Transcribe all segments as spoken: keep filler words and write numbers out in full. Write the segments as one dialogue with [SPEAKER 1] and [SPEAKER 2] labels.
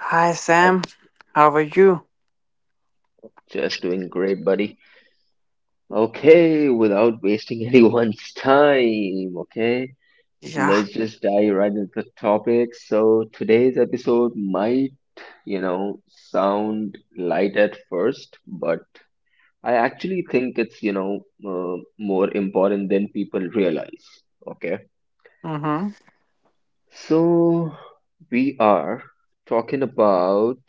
[SPEAKER 1] Hi
[SPEAKER 2] How's
[SPEAKER 1] Sam,
[SPEAKER 2] it-
[SPEAKER 1] how are you?
[SPEAKER 2] Just doing great, buddy. Okay, without wasting anyone's time, okay,
[SPEAKER 1] Yeah.
[SPEAKER 2] let's just dive right into the topic. So, today's episode might, you know, sound light at first, but I actually think it's, you know, uh, more important than people realize, okay?
[SPEAKER 1] Mm-hmm.
[SPEAKER 2] So, we are talking about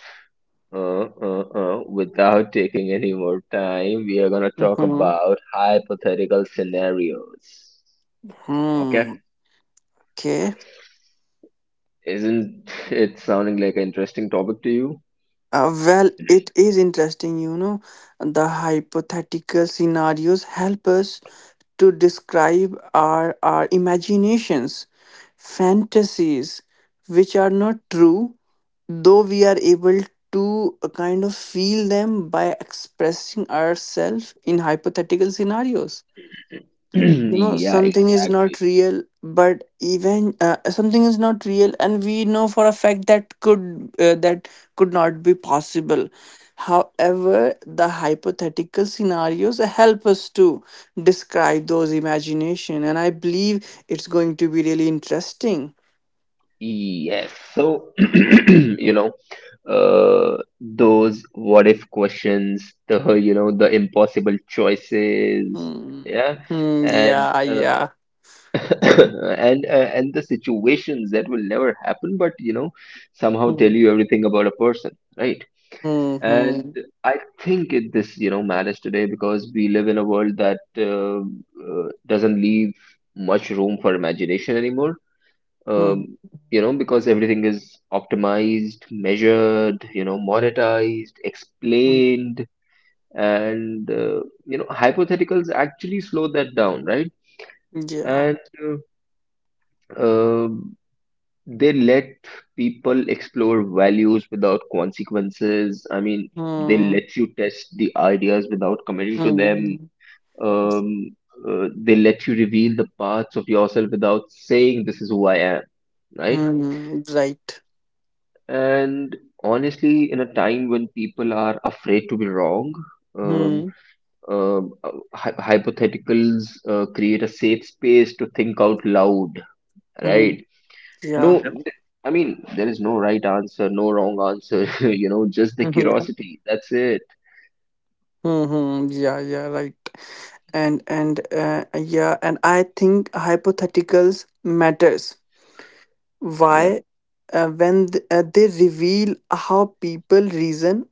[SPEAKER 2] Uh, uh, uh, without taking any more time, we are gonna talk
[SPEAKER 1] Mm-hmm.
[SPEAKER 2] about hypothetical scenarios. Okay?
[SPEAKER 1] Mm, okay.
[SPEAKER 2] Isn't it sounding like an interesting topic to you?
[SPEAKER 1] Uh, well, it is interesting, you know. The hypothetical scenarios help us to describe our, our imaginations, fantasies, which are not true, though we are able to uh, kind of feel them by expressing ourselves in hypothetical scenarios. You know,
[SPEAKER 2] Yeah,
[SPEAKER 1] something is not
[SPEAKER 2] exactly.
[SPEAKER 1] real, but even uh, something is not real and we know for a fact that could uh, that could not be possible. However, the hypothetical scenarios help us to describe those imagination, and I believe it's going to be really interesting.
[SPEAKER 2] Yes. So, you know, uh, those what if questions, the, you know, the impossible choices,
[SPEAKER 1] Hmm.
[SPEAKER 2] yeah,
[SPEAKER 1] Hmm,
[SPEAKER 2] and
[SPEAKER 1] yeah,
[SPEAKER 2] uh,
[SPEAKER 1] yeah.
[SPEAKER 2] and uh, and the situations that will never happen, but you know somehow tell
[SPEAKER 1] Hmm.
[SPEAKER 2] you everything about a person, right?
[SPEAKER 1] Hmm,
[SPEAKER 2] And
[SPEAKER 1] hmm,
[SPEAKER 2] I think it this you know matters today, because we live in a world that uh, uh, doesn't leave much room for imagination anymore.
[SPEAKER 1] hmm,
[SPEAKER 2] um, you know because everything is optimized, measured, you know monetized,
[SPEAKER 1] hmm.
[SPEAKER 2] explained. And uh, you know hypotheticals actually slow that down, right?
[SPEAKER 1] Yeah.
[SPEAKER 2] And uh, um, they let people explore values without consequences. I mean, they
[SPEAKER 1] Hmm,
[SPEAKER 2] let you test the ideas without committing to them.
[SPEAKER 1] hmm, hmm.
[SPEAKER 2] Um, uh, they let you reveal the parts of yourself without saying, "This is who I am," right?
[SPEAKER 1] Hmm, right.
[SPEAKER 2] And honestly, in a time when people are afraid to be wrong, um,
[SPEAKER 1] Hmm.
[SPEAKER 2] um, uh, hy- hypotheticals uh, create a safe space to think out loud,
[SPEAKER 1] Hmm.
[SPEAKER 2] right?
[SPEAKER 1] Yeah.
[SPEAKER 2] No, th- I mean, there is no right answer, no wrong answer, you know, just the
[SPEAKER 1] Yeah.
[SPEAKER 2] curiosity. That's it.
[SPEAKER 1] Hmm, yeah, yeah, right. And and uh, yeah, and I think hypotheticals matters.
[SPEAKER 2] Yeah.
[SPEAKER 1] Why? Uh, when th- uh, they reveal how people reason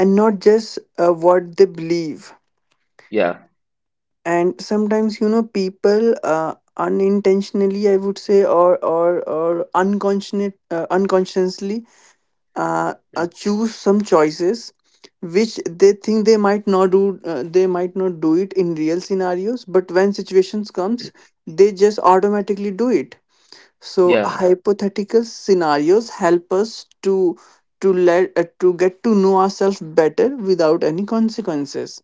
[SPEAKER 1] and not just uh, what they believe.
[SPEAKER 2] Yeah.
[SPEAKER 1] And sometimes, you know, people uh, unintentionally, I would say, or or or unconscious uh, unconsciously uh, uh, choose some choices which they think they might not do. Uh, they might not do it in real scenarios, but when situations comes, they just automatically do it. So
[SPEAKER 2] Yeah.
[SPEAKER 1] hypothetical scenarios help us to to let uh, to get to know ourselves better without any consequences.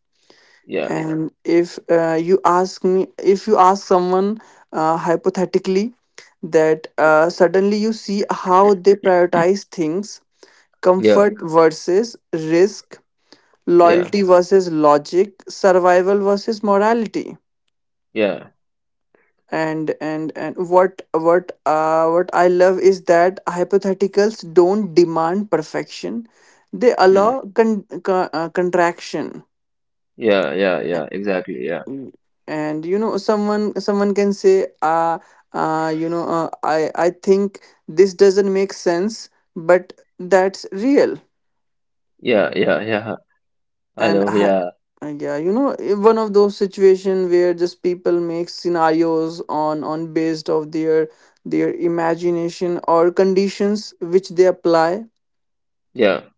[SPEAKER 2] Yeah.
[SPEAKER 1] And if uh, you ask me if you ask someone uh, hypothetically, that uh, suddenly you see how they prioritize things:
[SPEAKER 2] Yeah.
[SPEAKER 1] comfort versus risk,
[SPEAKER 2] Yeah.
[SPEAKER 1] loyalty versus logic, survival versus morality.
[SPEAKER 2] Yeah.
[SPEAKER 1] And and and what what uh, what I love is that hypotheticals don't demand perfection. They
[SPEAKER 2] Hmm.
[SPEAKER 1] allow con- con- uh, contraction.
[SPEAKER 2] Yeah. Yeah. Yeah. Exactly. Yeah.
[SPEAKER 1] Mm. And you know, someone someone can say, uh, uh you know uh, i i think this doesn't make sense, but that's real.
[SPEAKER 2] Yeah. Yeah. Yeah. I
[SPEAKER 1] And
[SPEAKER 2] know.
[SPEAKER 1] I,
[SPEAKER 2] Yeah.
[SPEAKER 1] uh, yeah, you know, i- one of those situations where just people make scenarios on on based of their their imagination or conditions which they apply.
[SPEAKER 2] Yeah.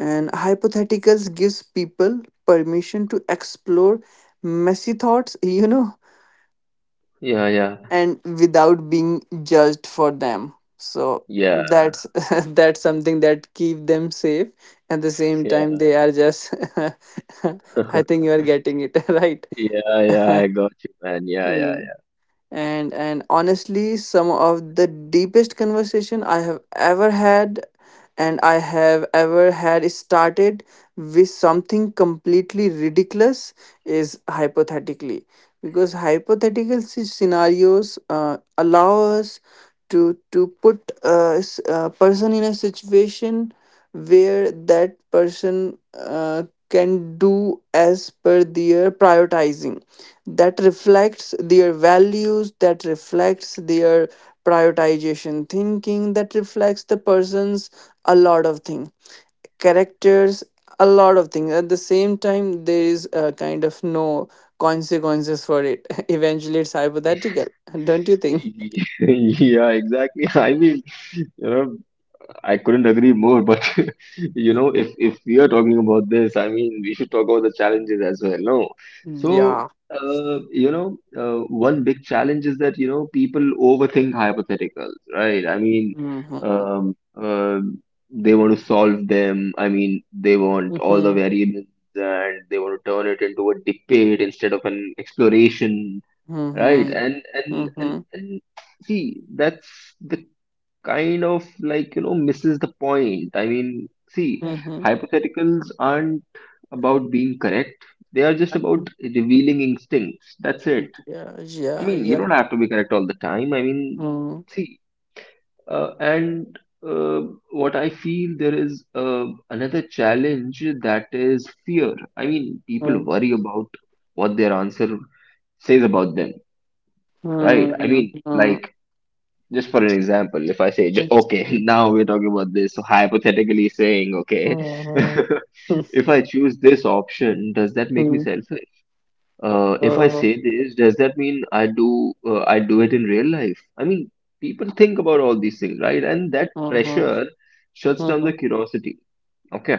[SPEAKER 1] And hypotheticals gives people permission to explore messy thoughts, you know,
[SPEAKER 2] Yeah. Yeah.
[SPEAKER 1] and without being judged for them. So
[SPEAKER 2] Yeah.
[SPEAKER 1] that's that's something that keep them safe. At the same time,
[SPEAKER 2] Yeah.
[SPEAKER 1] they are just I think you are getting it, right?
[SPEAKER 2] Yeah, yeah, I got you, man. Yeah, yeah,
[SPEAKER 1] Mm. And and honestly, some of the deepest conversation I have ever had and I have ever had is started with something completely ridiculous, is hypothetically, because hypothetical sce- scenarios uh, allow us to to put a, s- a person in a situation where that person uh, can do as per their prioritizing, that reflects their values, that reflects their prioritization thinking, that reflects the person's a lot of things, characters, a lot of things. At the same time, there is a kind of no consequences for it. Eventually, it's hypothetical, don't you think?
[SPEAKER 2] yeah. Yeah, exactly. I mean, you know, I couldn't agree more, but you know, if if we are talking about this, I mean, we should talk about the challenges as well. No, so
[SPEAKER 1] Yeah.
[SPEAKER 2] uh, you know, uh, one big challenge is that you know people overthink hypotheticals, right? I mean,
[SPEAKER 1] Hmm,
[SPEAKER 2] um, um they want to solve them. I mean, they want all the
[SPEAKER 1] hmm,
[SPEAKER 2] variables, and they want to turn it into a debate instead of an exploration, right?
[SPEAKER 1] hmm,
[SPEAKER 2] And and and
[SPEAKER 1] hmm,
[SPEAKER 2] and see, that's the kind of like you know misses the point. I mean, see,
[SPEAKER 1] hmm.
[SPEAKER 2] hypotheticals aren't about being correct. They are just about revealing instincts. That's it.
[SPEAKER 1] Yeah.
[SPEAKER 2] I
[SPEAKER 1] Yeah.
[SPEAKER 2] mean, you
[SPEAKER 1] Yeah.
[SPEAKER 2] don't have to be correct all the time. I mean,
[SPEAKER 1] Hmm,
[SPEAKER 2] see, uh, and uh, what I feel there is uh, another challenge, that is fear. I mean, people worry about what their answer says about them, right?
[SPEAKER 1] hmm,
[SPEAKER 2] I mean,
[SPEAKER 1] hmm.
[SPEAKER 2] like, just for an example, if I say, ju- okay, now we're talking about this, so hypothetically saying, okay,
[SPEAKER 1] Mhm.
[SPEAKER 2] if I choose this option, does that make me
[SPEAKER 1] Mhm.
[SPEAKER 2] selfish? Uh, if I
[SPEAKER 1] Uh,
[SPEAKER 2] say this, does that mean I do uh, I do it in real life? I mean, people think about all these things, right? And that
[SPEAKER 1] mhm.
[SPEAKER 2] pressure shuts down the
[SPEAKER 1] Mhm.
[SPEAKER 2] curiosity. Okay,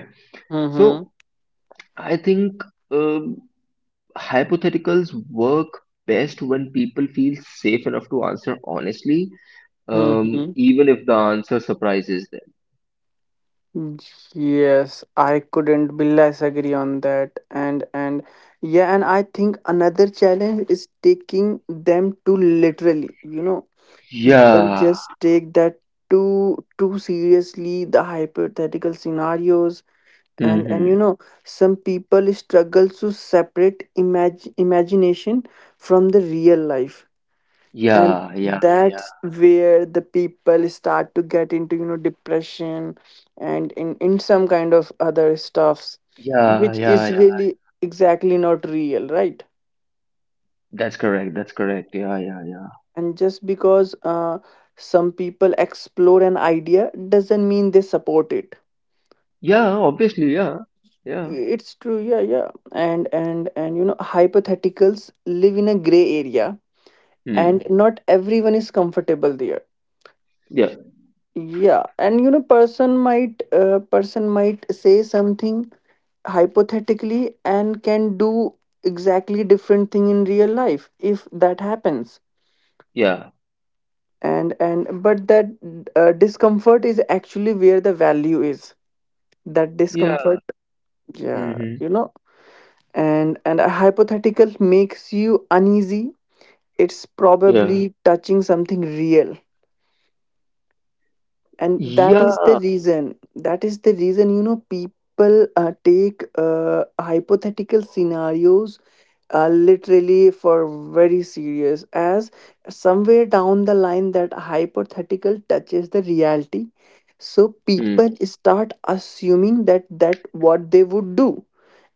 [SPEAKER 2] so
[SPEAKER 1] Mhm.
[SPEAKER 2] I think um, hypotheticals work best when people feel safe enough to answer honestly, um,
[SPEAKER 1] Mhm.
[SPEAKER 2] even if the answer surprises them.
[SPEAKER 1] Yes, I couldn't be less agree on that. And and yeah, and I think another challenge is taking them too literally. You know, people
[SPEAKER 2] Yeah.
[SPEAKER 1] just take that too too seriously, the hypothetical scenarios. And and you
[SPEAKER 2] Mm-hmm.
[SPEAKER 1] know, some people struggle to separate imag imagination from the real life. And
[SPEAKER 2] Yeah, yeah, yeah,
[SPEAKER 1] that's where the people start to get into, you know, depression and in in some kind of other stuffs,
[SPEAKER 2] yeah,
[SPEAKER 1] which
[SPEAKER 2] yeah,
[SPEAKER 1] is
[SPEAKER 2] yeah.
[SPEAKER 1] really exactly not real, right?
[SPEAKER 2] That's correct. That's correct. Yeah, yeah, yeah.
[SPEAKER 1] And just because uh, some people explore an idea doesn't mean they support it.
[SPEAKER 2] Yeah, obviously, yeah, yeah.
[SPEAKER 1] It's true, yeah, yeah. And and and you know, hypotheticals live in a gray area,
[SPEAKER 2] Hmm.
[SPEAKER 1] and not everyone is comfortable there.
[SPEAKER 2] Yeah,
[SPEAKER 1] Yeah, and you know, person might uh, person might say something hypothetically and can do exactly different thing in real life if that happens.
[SPEAKER 2] yeah,
[SPEAKER 1] And and but that uh, discomfort is actually where the value is. That
[SPEAKER 2] yeah.
[SPEAKER 1] discomfort, yeah,
[SPEAKER 2] Mm-hmm.
[SPEAKER 1] you know, and and a hypothetical makes you uneasy. It's
[SPEAKER 2] Yeah,
[SPEAKER 1] probably touching something real. And that is the
[SPEAKER 2] yeah.
[SPEAKER 1] reason that is the reason, you know, people uh, take uh, hypothetical scenarios uh, literally, for very serious, as somewhere down the line that hypothetical touches the reality. So
[SPEAKER 2] Hmm.
[SPEAKER 1] people start assuming that that what they would do,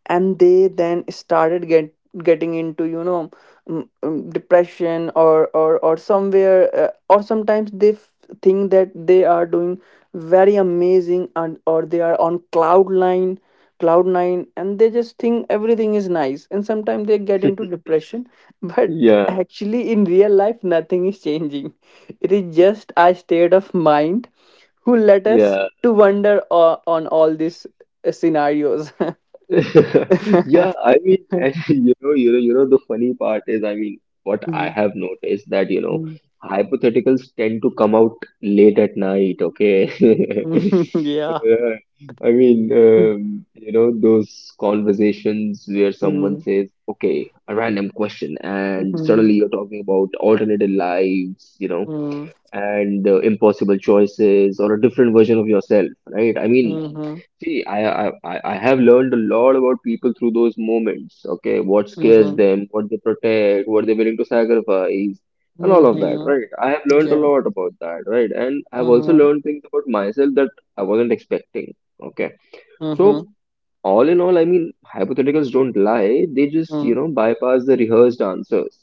[SPEAKER 1] and they then started get getting into, you know, mm, mm, depression, or or or somewhere, uh, or sometimes they f- think that they are doing very amazing, and or they are on cloud nine, cloud nine and they just think everything is nice, and sometimes they get into depression. But
[SPEAKER 2] Yeah,
[SPEAKER 1] actually in real life nothing is changing. It is just a state of mind who let us
[SPEAKER 2] yeah.
[SPEAKER 1] to wonder uh, on all these uh, scenarios.
[SPEAKER 2] Yeah, I mean, and you know, you know, you know, the funny part is, I mean, what I have noticed that, you know,
[SPEAKER 1] Mhm.
[SPEAKER 2] hypotheticals tend to come out late at night, okay?
[SPEAKER 1] Yeah.
[SPEAKER 2] Uh, I mean,
[SPEAKER 1] Mhm.
[SPEAKER 2] um, you know, those conversations where someone
[SPEAKER 1] Mhm.
[SPEAKER 2] says, okay, a random question, and suddenly you're talking about alternative lives, you know,
[SPEAKER 1] Mhm.
[SPEAKER 2] and uh, impossible choices or a different version of yourself, right? I mean,
[SPEAKER 1] Mhm.
[SPEAKER 2] see, I, I, I I have learned a lot about people through those moments. Okay, what scares
[SPEAKER 1] Mhm.
[SPEAKER 2] them, what they protect, what they're willing to sacrifice, and all of that,
[SPEAKER 1] Mhm.
[SPEAKER 2] right? I have learned a
[SPEAKER 1] Yeah.
[SPEAKER 2] lot about that, right? And I've also
[SPEAKER 1] Mhm.
[SPEAKER 2] learned things about myself that I wasn't expecting. Okay, so
[SPEAKER 1] Mhm.
[SPEAKER 2] all in all, I mean, hypotheticals don't lie. They just, you
[SPEAKER 1] Mhm.
[SPEAKER 2] know, bypass the rehearsed answers.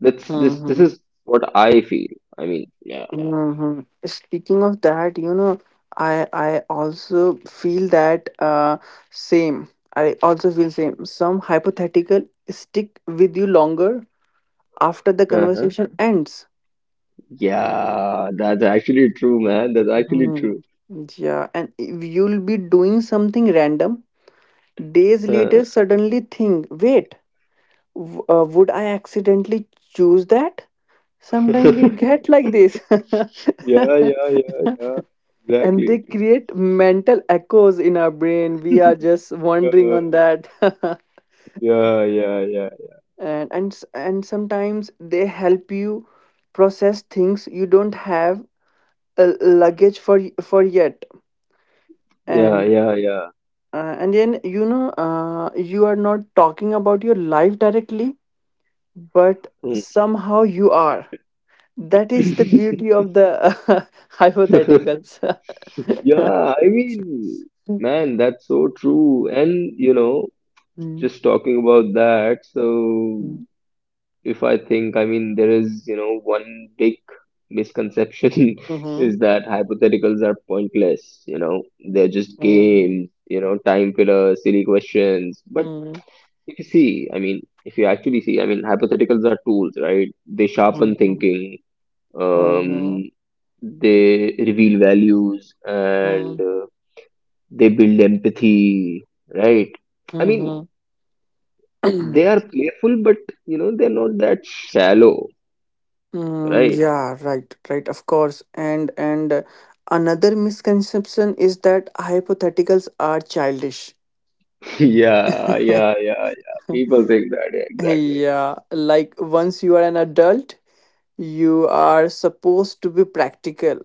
[SPEAKER 2] That's this. This
[SPEAKER 1] Mhm.
[SPEAKER 2] is what I feel. I mean, yeah,
[SPEAKER 1] Mhm. Speaking of that, you know, I I also feel that uh same. I also feel same. Some hypothetical stick with you longer after the
[SPEAKER 2] uh-huh,
[SPEAKER 1] conversation ends.
[SPEAKER 2] yeah. That's actually true, man. That's actually true.
[SPEAKER 1] Mhm. Yeah, and if you'll be doing something random days later, suddenly think, wait, W- uh, would I accidentally choose that? Sometimes we get like this.
[SPEAKER 2] Yeah, yeah, yeah, yeah.
[SPEAKER 1] And they
[SPEAKER 2] Exactly.
[SPEAKER 1] create mental echoes in our brain. We are just wondering
[SPEAKER 2] Uh,
[SPEAKER 1] on that.
[SPEAKER 2] yeah, yeah, yeah,
[SPEAKER 1] and, and, s- and sometimes they help you process things you don't have a luggage for, y- for yet.
[SPEAKER 2] yeah,
[SPEAKER 1] And,
[SPEAKER 2] yeah, yeah.
[SPEAKER 1] uh, and then, you know, uh, you are not talking about your life directly, but
[SPEAKER 2] Hmm.
[SPEAKER 1] somehow you are. That is the beauty of the hypotheticals.
[SPEAKER 2] Yeah, I mean, man, that's so true. And, you know,
[SPEAKER 1] Mhm,
[SPEAKER 2] just talking about that, so
[SPEAKER 1] mhm,
[SPEAKER 2] if I think, I mean, there is, you know, one big misconception
[SPEAKER 1] mhm,
[SPEAKER 2] is that hypotheticals are pointless, you know, they're just
[SPEAKER 1] mhm,
[SPEAKER 2] games, you know, time filler, silly questions. But
[SPEAKER 1] mhm,
[SPEAKER 2] if you see, I mean, if you actually see, I mean, hypotheticals are tools, right? They sharpen
[SPEAKER 1] mhm,
[SPEAKER 2] thinking,
[SPEAKER 1] mhm,
[SPEAKER 2] um, they reveal values, and
[SPEAKER 1] mhm,
[SPEAKER 2] uh, they build empathy, right? I mean,
[SPEAKER 1] mhm.
[SPEAKER 2] they are playful, but you know, they're not that shallow,
[SPEAKER 1] Mm,
[SPEAKER 2] right?
[SPEAKER 1] yeah, right, right, of course. And and uh, another misconception is that hypotheticals are childish.
[SPEAKER 2] Yeah, yeah, yeah, yeah. People think that, yeah, exactly.
[SPEAKER 1] Yeah, like once you are an adult, you are supposed to be practical,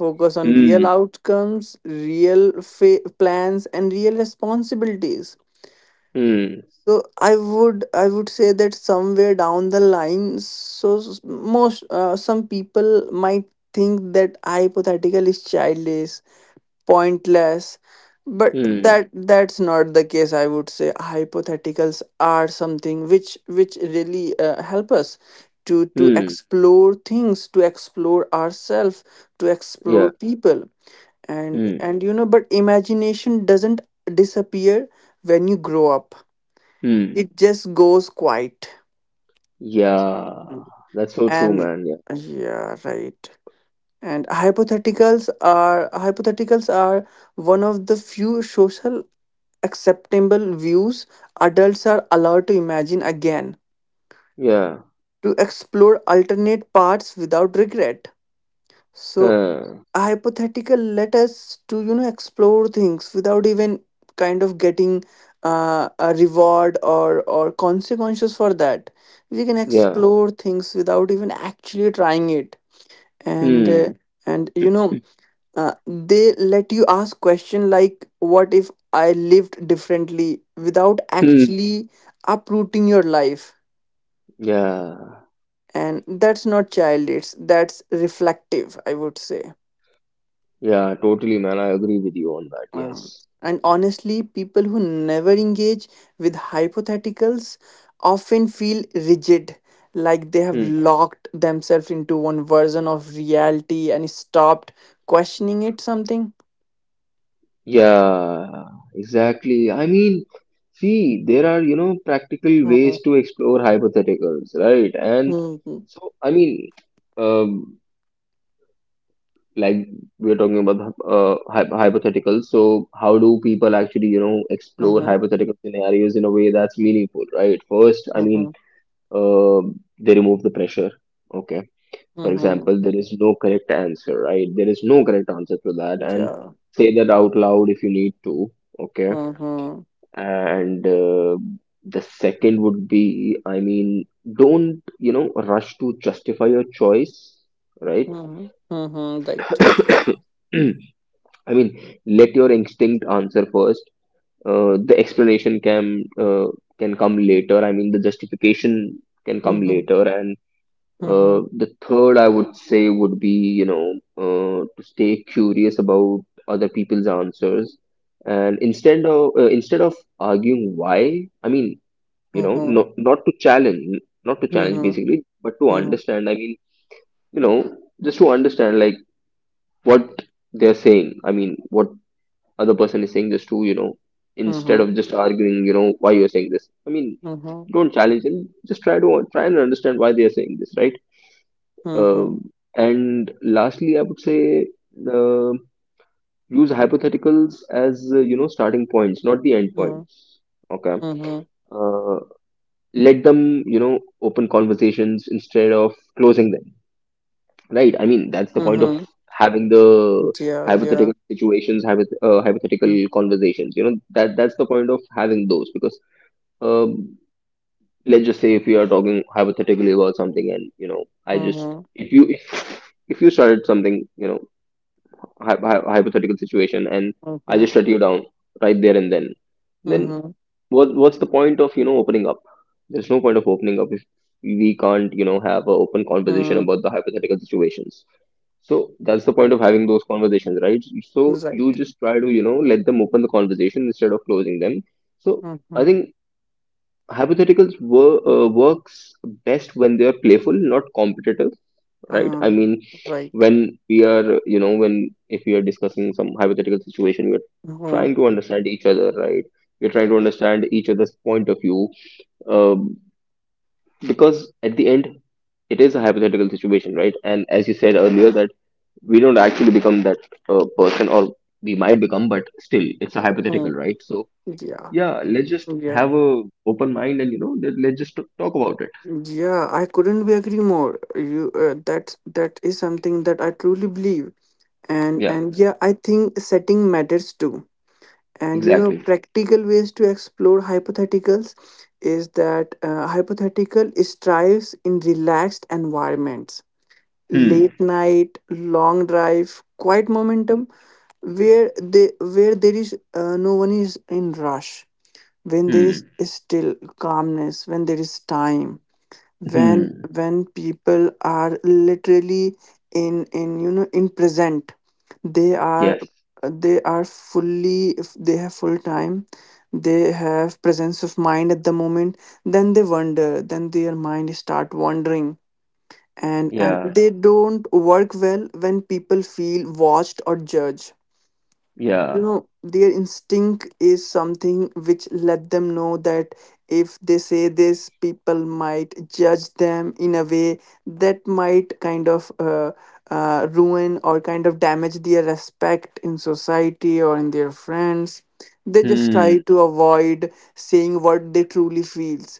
[SPEAKER 1] focus on real
[SPEAKER 2] Hmm,
[SPEAKER 1] outcomes, real fa- plans, and real responsibilities.
[SPEAKER 2] hmm,
[SPEAKER 1] So I would I would say that somewhere down the line, so s- most uh, some people might think that hypothetical is childish, pointless, but
[SPEAKER 2] hmm,
[SPEAKER 1] that that's not the case. I would say hypotheticals are something which which really uh, help us to to
[SPEAKER 2] hmm,
[SPEAKER 1] explore things, to explore ourselves, to explore
[SPEAKER 2] yeah,
[SPEAKER 1] people. and
[SPEAKER 2] hmm,
[SPEAKER 1] and you know, but imagination doesn't disappear when you grow up.
[SPEAKER 2] hmm.
[SPEAKER 1] It just goes quiet.
[SPEAKER 2] Yeah, that's so true,
[SPEAKER 1] And
[SPEAKER 2] man. Yeah,
[SPEAKER 1] yeah, right, and hypotheticals are hypotheticals are one of the few social acceptable views adults are allowed to imagine again,
[SPEAKER 2] yeah.
[SPEAKER 1] to explore alternate paths without regret. So
[SPEAKER 2] Huh.
[SPEAKER 1] hypothetical let us to, you know, explore things without even kind of getting uh, a reward or or consequences for that. We can
[SPEAKER 2] Yeah.
[SPEAKER 1] explore things without even actually trying it, and uh,
[SPEAKER 2] Hmm.
[SPEAKER 1] and you know, uh, they let you ask question like, what if I lived differently without
[SPEAKER 2] Hmm.
[SPEAKER 1] actually uprooting your life?
[SPEAKER 2] Yeah.
[SPEAKER 1] And that's not childish. That's reflective, I would say.
[SPEAKER 2] Yeah. Totally, man. I agree with you on that.
[SPEAKER 1] Uh,
[SPEAKER 2] Yes.
[SPEAKER 1] and honestly, people who never engage with hypotheticals often feel rigid, like they have
[SPEAKER 2] Hmm.
[SPEAKER 1] locked themselves into one version of reality and stopped questioning it something.
[SPEAKER 2] Yeah. Exactly. I mean, see, there are, you know, practical
[SPEAKER 1] Mhm,
[SPEAKER 2] ways to explore hypotheticals, right? And
[SPEAKER 1] mhm,
[SPEAKER 2] so, I mean, um, like we're talking about the, uh, hy hypotheticals. So, how do people actually, you know, explore
[SPEAKER 1] mhm,
[SPEAKER 2] hypothetical scenarios in a way that's meaningful, right? First, I mean,
[SPEAKER 1] mhm,
[SPEAKER 2] uh, they remove the pressure. Okay. For
[SPEAKER 1] mhm.
[SPEAKER 2] example, there is no correct answer, right? There is no correct answer for that, and
[SPEAKER 1] Yeah.
[SPEAKER 2] say that out loud if you need to, okay?
[SPEAKER 1] Mhm,
[SPEAKER 2] And uh, the second would be, I mean, don't, you know, rush to justify your choice, right?
[SPEAKER 1] mhm, mhm. Right.
[SPEAKER 2] I mean, let your instinct answer first. Uh, the explanation can uh, can come later. I mean, the justification can come
[SPEAKER 1] Mhm,
[SPEAKER 2] later. And Uh,
[SPEAKER 1] mhm,
[SPEAKER 2] the third I would say would be, you know, uh, to stay curious about other people's answers, and instead of uh, instead of arguing why, I mean, you know,
[SPEAKER 1] mhm,
[SPEAKER 2] no, not to challenge, not to challenge
[SPEAKER 1] mhm,
[SPEAKER 2] basically, but to
[SPEAKER 1] mhm,
[SPEAKER 2] understand. I mean, you know, just to understand like what they're saying. I mean, what other person is saying, just to, you know, instead
[SPEAKER 1] mhm,
[SPEAKER 2] of just arguing, you know, why you're saying this. I mean,
[SPEAKER 1] mhm,
[SPEAKER 2] don't challenge and just try to try and understand why they are saying this, right?
[SPEAKER 1] mhm,
[SPEAKER 2] Um and lastly, I would say uh, use hypotheticals as uh, you know starting points, not the end
[SPEAKER 1] mhm,
[SPEAKER 2] points. Okay.
[SPEAKER 1] mhm,
[SPEAKER 2] Uh, Let them you know open conversations instead of closing them. Right. I mean, that's the point of
[SPEAKER 1] mhm.
[SPEAKER 2] having the
[SPEAKER 1] Yeah. Yeah.
[SPEAKER 2] hypothetical situations, hypoth uh, hypothetical
[SPEAKER 1] Mm-hmm.
[SPEAKER 2] conversations. You know that that's the point of having those, because um, let's just say if we are talking hypothetically about something, and you know I just,
[SPEAKER 1] Mhm,
[SPEAKER 2] if you if, if you started something, you know hy- hy- hypothetical situation, and I
[SPEAKER 1] mhm,
[SPEAKER 2] just shut you down right there and then, then
[SPEAKER 1] mhm,
[SPEAKER 2] what what's the point of you know opening up? There's no point of opening up if we can't you know have an open conversation
[SPEAKER 1] mm,
[SPEAKER 2] about the hypothetical situations. So that's the point
[SPEAKER 1] right,
[SPEAKER 2] of having those conversations, right? So you
[SPEAKER 1] right,
[SPEAKER 2] just try to you know let them open the conversation instead of closing them. So I
[SPEAKER 1] mhm,
[SPEAKER 2] think hypotheticals wor- uh, works best when they are playful, not competitive, right? I
[SPEAKER 1] mhm,
[SPEAKER 2] mean,
[SPEAKER 1] right,
[SPEAKER 2] when we are, you know, when if we are discussing some hypothetical situation, we are
[SPEAKER 1] mhm,
[SPEAKER 2] trying to understand each other, right? We're trying to understand each other's point of view, um, because at the end, it is a hypothetical situation, right? And as you said earlier, that we don't actually become that uh, person, or we might become, but still, it's a hypothetical,
[SPEAKER 1] mm,
[SPEAKER 2] right? So
[SPEAKER 1] yeah,
[SPEAKER 2] yeah, let's just
[SPEAKER 1] yeah,
[SPEAKER 2] have a open mind, and you know, let, let's just t- talk about it.
[SPEAKER 1] yeah. I couldn't be agree more. You, uh, that that is something that I truly believe, and
[SPEAKER 2] Yeah,
[SPEAKER 1] and yeah, I think setting matters too. And you know,
[SPEAKER 2] exactly.
[SPEAKER 1] practical ways to explore hypotheticals is that uh, hypothetical strives in relaxed environments:
[SPEAKER 2] Hmm.
[SPEAKER 1] late night, long drive, quiet momentum, where they where there is uh, no one is in rush, when there is
[SPEAKER 2] Hmm.
[SPEAKER 1] still calmness, when there is time, when
[SPEAKER 2] Hmm.
[SPEAKER 1] when people are literally in in you know, in present. They are
[SPEAKER 2] Yes.
[SPEAKER 1] they are fully, they have full time, they have presence of mind at the moment. Then they wander, then their mind start wandering. And and
[SPEAKER 2] Yeah.
[SPEAKER 1] they don't work well when people feel watched or judged. You
[SPEAKER 2] Yeah.
[SPEAKER 1] know, their instinct is something which let them know that if they say this, people might judge them in a way that might kind of uh, uh, ruin or kind of damage their respect in society or in their friends. They just try
[SPEAKER 2] Hmm.
[SPEAKER 1] to avoid saying what they truly feels.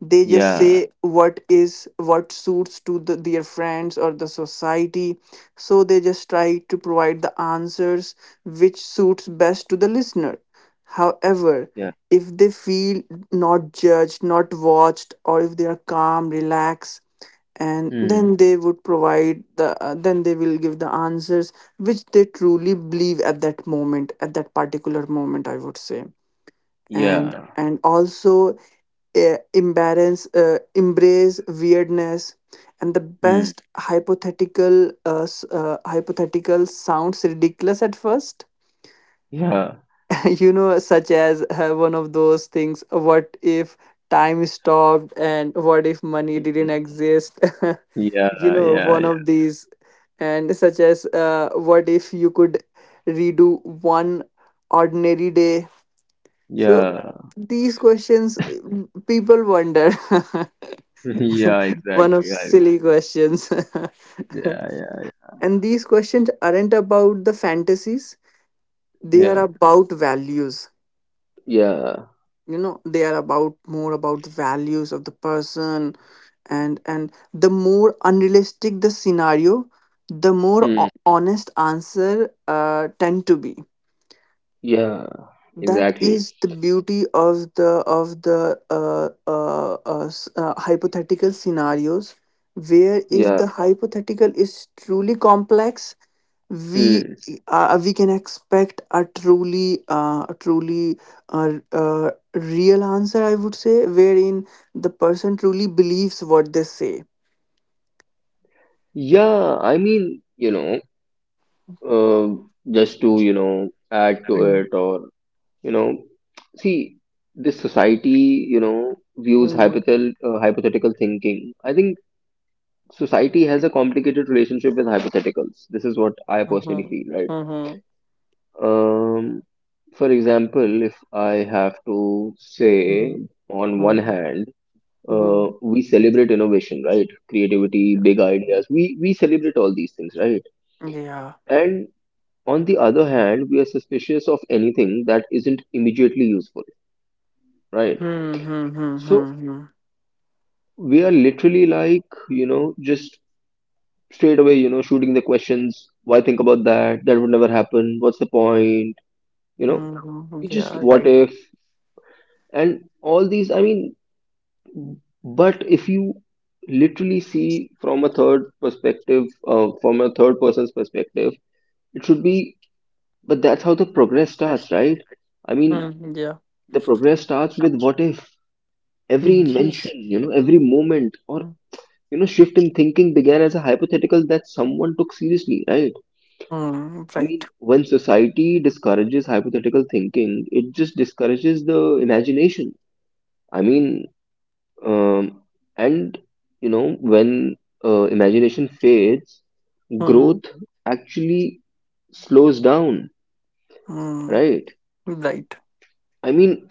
[SPEAKER 1] They just
[SPEAKER 2] Yeah.
[SPEAKER 1] say what is what suits to the, their friends or the society. So they just try to provide the answers which suits best to the listener. However,
[SPEAKER 2] Yeah.
[SPEAKER 1] if they feel not judged, not watched, or if they are calm, relaxed, and
[SPEAKER 2] Hmm.
[SPEAKER 1] then they would provide the uh, then they will give the answers which they truly believe at that moment, at that particular moment, I would say. and
[SPEAKER 2] Yeah.
[SPEAKER 1] and also, uh, embarrass uh, embrace weirdness. And the
[SPEAKER 2] Hmm.
[SPEAKER 1] best hypothetical, uh, s- uh, hypothetical, sounds ridiculous at first.
[SPEAKER 2] Yeah.
[SPEAKER 1] You know, such as uh, one of those things: what if time stopped, and what if money didn't
[SPEAKER 2] Mm.
[SPEAKER 1] exist? You yeah
[SPEAKER 2] Yeah.
[SPEAKER 1] know,
[SPEAKER 2] Yeah.
[SPEAKER 1] one of these. And such as, uh, what if you could redo one ordinary day? So
[SPEAKER 2] Yeah. Yeah.
[SPEAKER 1] these questions, mm, people wonder.
[SPEAKER 2] Yeah.
[SPEAKER 1] One of
[SPEAKER 2] Exactly. Right.
[SPEAKER 1] silly questions.
[SPEAKER 2] Yeah. Yeah.
[SPEAKER 1] And these questions aren't about the fantasies, they are
[SPEAKER 2] Yeah.
[SPEAKER 1] about values.
[SPEAKER 2] Yeah.
[SPEAKER 1] You know, they are about more about the values of the person. And and the more unrealistic the scenario, the more
[SPEAKER 2] Hmm.
[SPEAKER 1] ho- honest answer uh, tend to be.
[SPEAKER 2] Yeah.
[SPEAKER 1] That
[SPEAKER 2] Exactly.
[SPEAKER 1] is the beauty of the, of the uh, uh, uh, s- uh, hypothetical scenarios, where if
[SPEAKER 2] Yeah.
[SPEAKER 1] the hypothetical is truly complex, we
[SPEAKER 2] Hmm.
[SPEAKER 1] uh, we can expect a truly uh, a truly, uh, uh, real answer, I would say, wherein the person truly believes what they say.
[SPEAKER 2] Yeah. I mean, you know, uh, just to you know add to
[SPEAKER 1] Mm,
[SPEAKER 2] it, or you know, see, this society, you know, views
[SPEAKER 1] mm,
[SPEAKER 2] hypothetical uh, hypothetical thinking. I think society has a complicated relationship with hypotheticals. This is what I personally
[SPEAKER 1] mhm,
[SPEAKER 2] feel, right?
[SPEAKER 1] mhm,
[SPEAKER 2] Um, for example, if I have to
[SPEAKER 1] mm,
[SPEAKER 2] say, on
[SPEAKER 1] mhm,
[SPEAKER 2] one hand, uh,
[SPEAKER 1] mhm.
[SPEAKER 2] we celebrate innovation, right? Creativity, big ideas. We we celebrate all these things, right?
[SPEAKER 1] Yeah.
[SPEAKER 2] And on the other hand, we are suspicious of anything that isn't immediately useful, right?
[SPEAKER 1] Hmm, hmm, hmm, hmm,
[SPEAKER 2] So
[SPEAKER 1] hmm.
[SPEAKER 2] we are literally like, you know, just straight away, you know, shooting the questions. Why think about that? That would never happen. What's the point? You know,
[SPEAKER 1] Hmm,
[SPEAKER 2] you just
[SPEAKER 1] yeah,
[SPEAKER 2] what
[SPEAKER 1] right.
[SPEAKER 2] if, and all these. I mean, but if you literally see from a third perspective, uh, from a third person's perspective, it should be. But that's how the progress starts, right? I mean,
[SPEAKER 1] Hmm, yeah.
[SPEAKER 2] the progress starts with what if every
[SPEAKER 1] Hmm,
[SPEAKER 2] invention, you know, every moment or you know shift in thinking began as a hypothetical that someone took seriously, right?
[SPEAKER 1] hmm,
[SPEAKER 2] I
[SPEAKER 1] right.
[SPEAKER 2] mean, when society discourages hypothetical thinking, it just discourages the imagination. I mean, um, and you know, when uh, imagination fades,
[SPEAKER 1] Hmm,
[SPEAKER 2] growth actually slows down,
[SPEAKER 1] hmm,
[SPEAKER 2] right?
[SPEAKER 1] right.
[SPEAKER 2] I mean,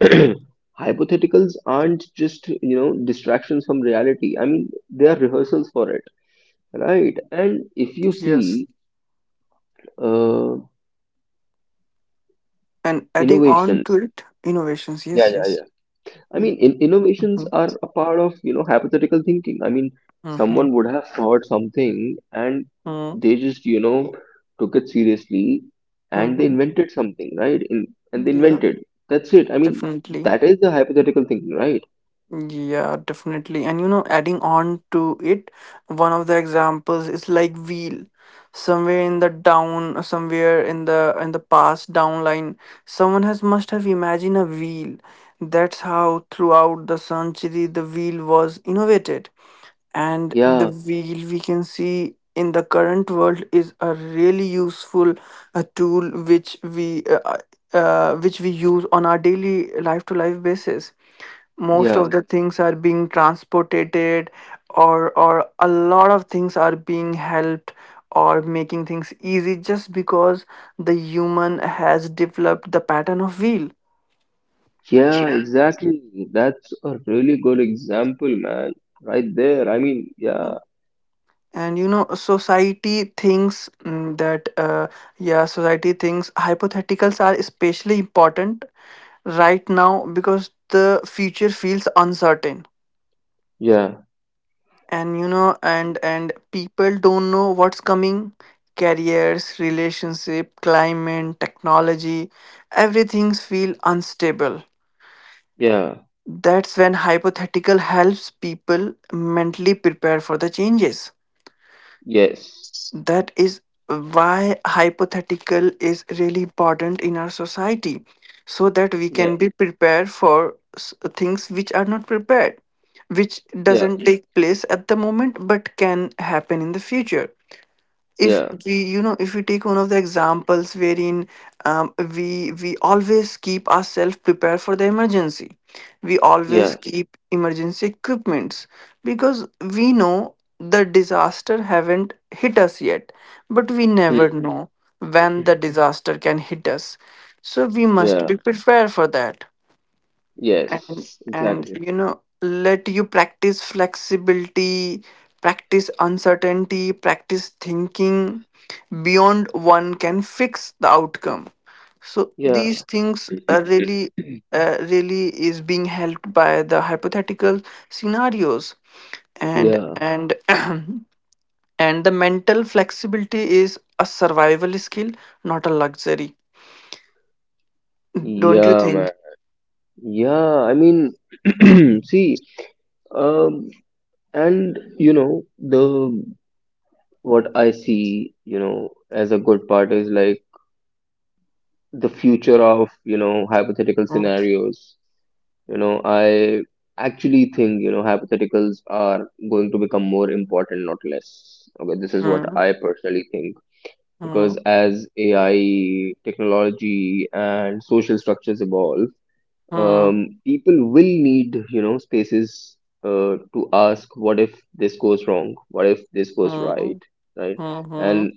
[SPEAKER 2] hypotheticals aren't just, you know, distractions from reality. I mean, they are rehearsals for it, right? And if you
[SPEAKER 1] Yes.
[SPEAKER 2] see uh,
[SPEAKER 1] And adding on
[SPEAKER 2] innovation,
[SPEAKER 1] to it, innovations.
[SPEAKER 2] yeah,
[SPEAKER 1] Yes,
[SPEAKER 2] yeah,
[SPEAKER 1] yes.
[SPEAKER 2] yeah. I mean, in, innovations
[SPEAKER 1] Mhm,
[SPEAKER 2] are a part of, you know, hypothetical thinking. I mean,
[SPEAKER 1] mhm,
[SPEAKER 2] someone would have thought something and
[SPEAKER 1] mhm,
[SPEAKER 2] they just, you know, took it seriously and they
[SPEAKER 1] mhm.
[SPEAKER 2] invented something, right? In, and they
[SPEAKER 1] Yeah,
[SPEAKER 2] invented. That's it. I mean,
[SPEAKER 1] definitely.
[SPEAKER 2] that is the hypothetical thinking, right?
[SPEAKER 1] Yeah, definitely. And you know, adding on to it, one of the examples is like wheel. Somewhere in the down, somewhere in the in the past downline, someone has must have imagined a wheel. That's how throughout the century the wheel was innovated. And the
[SPEAKER 2] Yeah,
[SPEAKER 1] wheel we can see in the current world is a really useful uh, tool which we uh, uh, uh, which we use on our daily life to life basis. Most of
[SPEAKER 2] yeah,
[SPEAKER 1] the things are being transported, or or a lot of things are being helped, or making things easy, just because the human has developed the pattern of wheel.
[SPEAKER 2] yeah, exactly. That's a really good example, man. Right there. I mean, yeah,
[SPEAKER 1] And you know, society thinks, mm, that, uh, yeah, society thinks hypotheticals are especially important right now because the future feels uncertain.
[SPEAKER 2] yeah,
[SPEAKER 1] And you know, and and people don't know what's coming. Careers, relationship, climate, technology, everything's feel unstable.
[SPEAKER 2] yeah,
[SPEAKER 1] That's when hypothetical helps people mentally prepare for the changes.
[SPEAKER 2] yes,
[SPEAKER 1] That is why hypothetical is really important in our society, so that we
[SPEAKER 2] yeah,
[SPEAKER 1] can be prepared for s- things which are not prepared, which
[SPEAKER 2] yeah,
[SPEAKER 1] doesn't, yeah, take place at the moment but can happen in the future. If
[SPEAKER 2] yeah,
[SPEAKER 1] we, you know, if we take one of the examples wherein, um, we we always keep ourselves prepared for the emergency, we always
[SPEAKER 2] yeah,
[SPEAKER 1] keep emergency equipments, because we know the disaster haven't hit us yet, but we never
[SPEAKER 2] hmm,
[SPEAKER 1] know when the disaster can hit us, so we must
[SPEAKER 2] yeah.
[SPEAKER 1] be prepared for that.
[SPEAKER 2] Yes,
[SPEAKER 1] And
[SPEAKER 2] exactly.
[SPEAKER 1] you know, let you practice flexibility, practice uncertainty, practice thinking beyond one can fix the outcome. So these
[SPEAKER 2] Yeah,
[SPEAKER 1] things are really, uh, really is being helped by the hypothetical scenarios. and
[SPEAKER 2] yeah,
[SPEAKER 1] and and the mental flexibility is a survival skill, not a luxury. Don't you
[SPEAKER 2] yeah, man.
[SPEAKER 1] think?
[SPEAKER 2] Yeah, I mean, see, um, and you know, the what I see, you know, as a good part is like the future of, you know, hypothetical
[SPEAKER 1] Hmm,
[SPEAKER 2] scenarios. You know, I actually think, you know, hypotheticals are going to become more important, not less. Okay, this is what
[SPEAKER 1] hmm,
[SPEAKER 2] I personally think. Because
[SPEAKER 1] hmm,
[SPEAKER 2] as A I technology and social structures evolve,
[SPEAKER 1] hmm,
[SPEAKER 2] um, people will need you know spaces uh, to ask what if this goes wrong, what if this goes right,
[SPEAKER 1] hmm,
[SPEAKER 2] right?
[SPEAKER 1] hmm, hmm.
[SPEAKER 2] And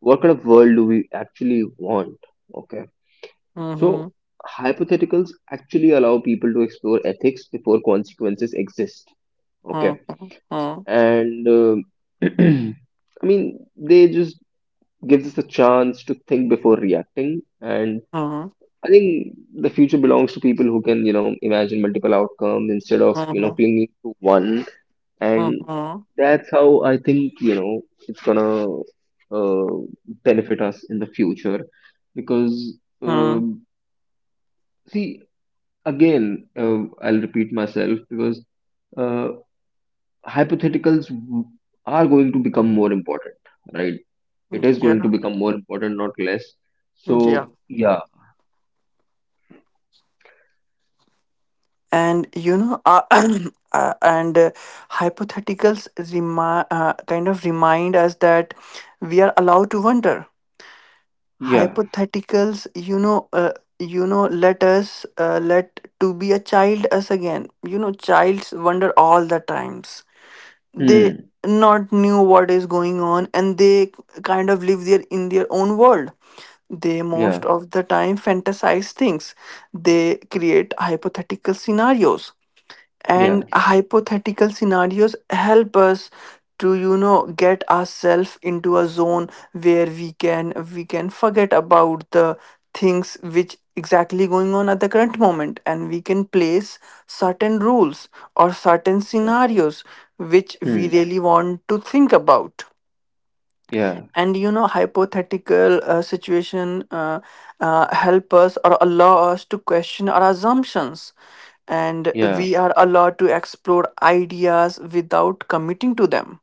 [SPEAKER 2] what kind of world do we actually want? Okay,
[SPEAKER 1] Mhm,
[SPEAKER 2] so hypotheticals actually allow people to explore ethics before consequences exist. Okay.
[SPEAKER 1] mhm, mhm,
[SPEAKER 2] And um i mean they just gives us a chance to think before reacting. And I think the future belongs to people who can, you know, imagine multiple outcomes instead of, you know,
[SPEAKER 1] mhm,
[SPEAKER 2] clinging to one. And
[SPEAKER 1] mhm,
[SPEAKER 2] that's how I think, you know, it's gonna uh, benefit us in the future. Because,
[SPEAKER 1] mhm.
[SPEAKER 2] um see, again, uh, I'll repeat myself because uh, hypotheticals are going to become more important, right? It is going to
[SPEAKER 1] Yeah,
[SPEAKER 2] become more important, not less.
[SPEAKER 1] yeah.
[SPEAKER 2] So, yeah,
[SPEAKER 1] And you know, uh, uh, and uh, hypotheticals remi- uh, kind of remind us that we are allowed to wonder.
[SPEAKER 2] yeah,
[SPEAKER 1] Hypotheticals, you know, uh, you know, let us uh, let to be a child us again. You know, childs wonder all the times. They
[SPEAKER 2] hmm,
[SPEAKER 1] not knew what is going on, and they kind of live there in their own world. They
[SPEAKER 2] yeah,
[SPEAKER 1] most of the time fantasize things. They create hypothetical scenarios.
[SPEAKER 2] yeah,
[SPEAKER 1] And hypothetical scenarios help us to, you know, get ourselves into a zone where we can we can forget about the things which exactly going on at the current moment, and we can place certain rules or certain
[SPEAKER 2] yeah.
[SPEAKER 1] scenarios which we
[SPEAKER 2] Hmm.
[SPEAKER 1] really want to think about.
[SPEAKER 2] Yeah,
[SPEAKER 1] And you know, hypothetical uh, situation uh, uh, help us or allow us to question our assumptions, and
[SPEAKER 2] yeah.
[SPEAKER 1] we are allowed to explore ideas without committing to them.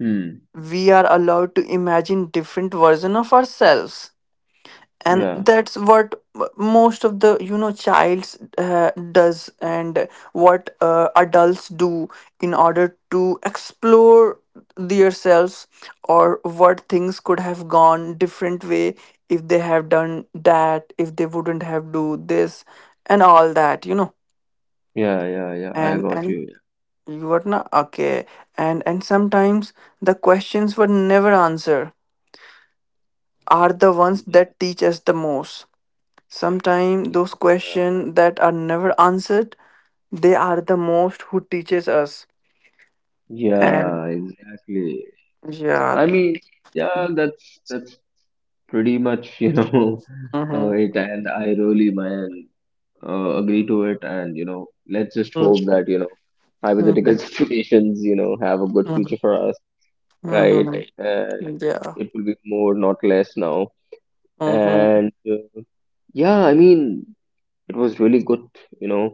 [SPEAKER 2] Hmm.
[SPEAKER 1] We are allowed to imagine different version of ourselves, and
[SPEAKER 2] Yeah,
[SPEAKER 1] that's what most of the, you know, childs uh, does, and what uh, adults do in order to explore themselves, or what things could have gone different way if they have done that, if they wouldn't have do this, and all that, you know.
[SPEAKER 2] yeah, yeah, yeah, I
[SPEAKER 1] and
[SPEAKER 2] got
[SPEAKER 1] and
[SPEAKER 2] you.
[SPEAKER 1] you are not okay. And and sometimes the questions were never answered are the ones
[SPEAKER 2] Yeah,
[SPEAKER 1] that teach us the most. Sometimes those
[SPEAKER 2] yeah,
[SPEAKER 1] questions that are never answered, they are the most who teaches us. And
[SPEAKER 2] yeah, exactly.
[SPEAKER 1] yeah.
[SPEAKER 2] I mean, yeah, that's that's pretty much, you know, uh,
[SPEAKER 1] Mm-hmm.
[SPEAKER 2] it. And I really, man, uh, agree to it. And you know, let's just hope that you know,
[SPEAKER 1] Mm-hmm.
[SPEAKER 2] hypothetical situations, you know, have a good
[SPEAKER 1] Mm-hmm.
[SPEAKER 2] future for us, right?
[SPEAKER 1] Mm-hmm.
[SPEAKER 2] And
[SPEAKER 1] Yeah.
[SPEAKER 2] it will be more, not less, now.
[SPEAKER 1] Mm-hmm.
[SPEAKER 2] And uh, yeah, I mean, it was really good, you know,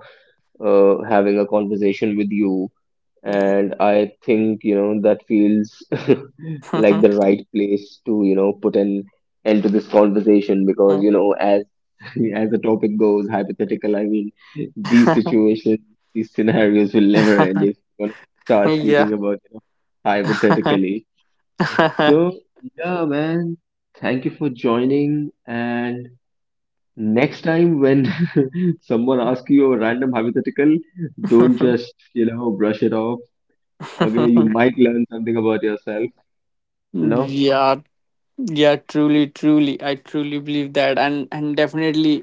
[SPEAKER 2] uh, having a conversation with you.
[SPEAKER 1] Yeah.
[SPEAKER 2] And I think, you know, that feels like
[SPEAKER 1] Mhm.
[SPEAKER 2] the right place to, you know, put an end to this conversation because,
[SPEAKER 1] Mm.
[SPEAKER 2] you know, as as the topic goes, hypothetical, I mean, these situations, these scenarios will never end if you're gonna start
[SPEAKER 1] Yeah.
[SPEAKER 2] speaking about, you know, hypothetically. So, yeah, man, thank you for joining. And next time when someone asks you a random hypothetical, don't just, you know, brush it off. Okay, you might learn something about yourself. No?
[SPEAKER 1] Yeah. Yeah, truly, truly. I truly believe that. And and definitely,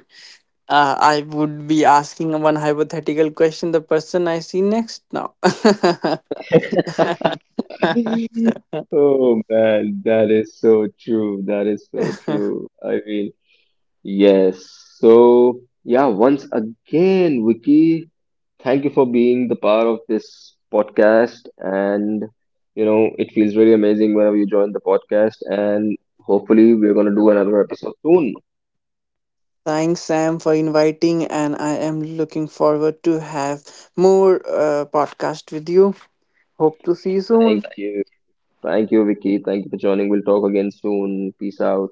[SPEAKER 1] uh, I would be asking one hypothetical question the person I see next now.
[SPEAKER 2] Oh man, that is so true. That is so true. I mean, yes. So, yeah, once again, Vicky, thank you for being the part of this podcast. And, you know, it feels really amazing whenever you join the podcast. And hopefully, we're going to do another episode soon.
[SPEAKER 1] Thanks, Sam, for inviting, and I am looking forward to have more uh, podcast with you. Hope to see you soon.
[SPEAKER 2] Thank you. Thank you, Vicky. Thank you for joining. We'll talk again soon. Peace out.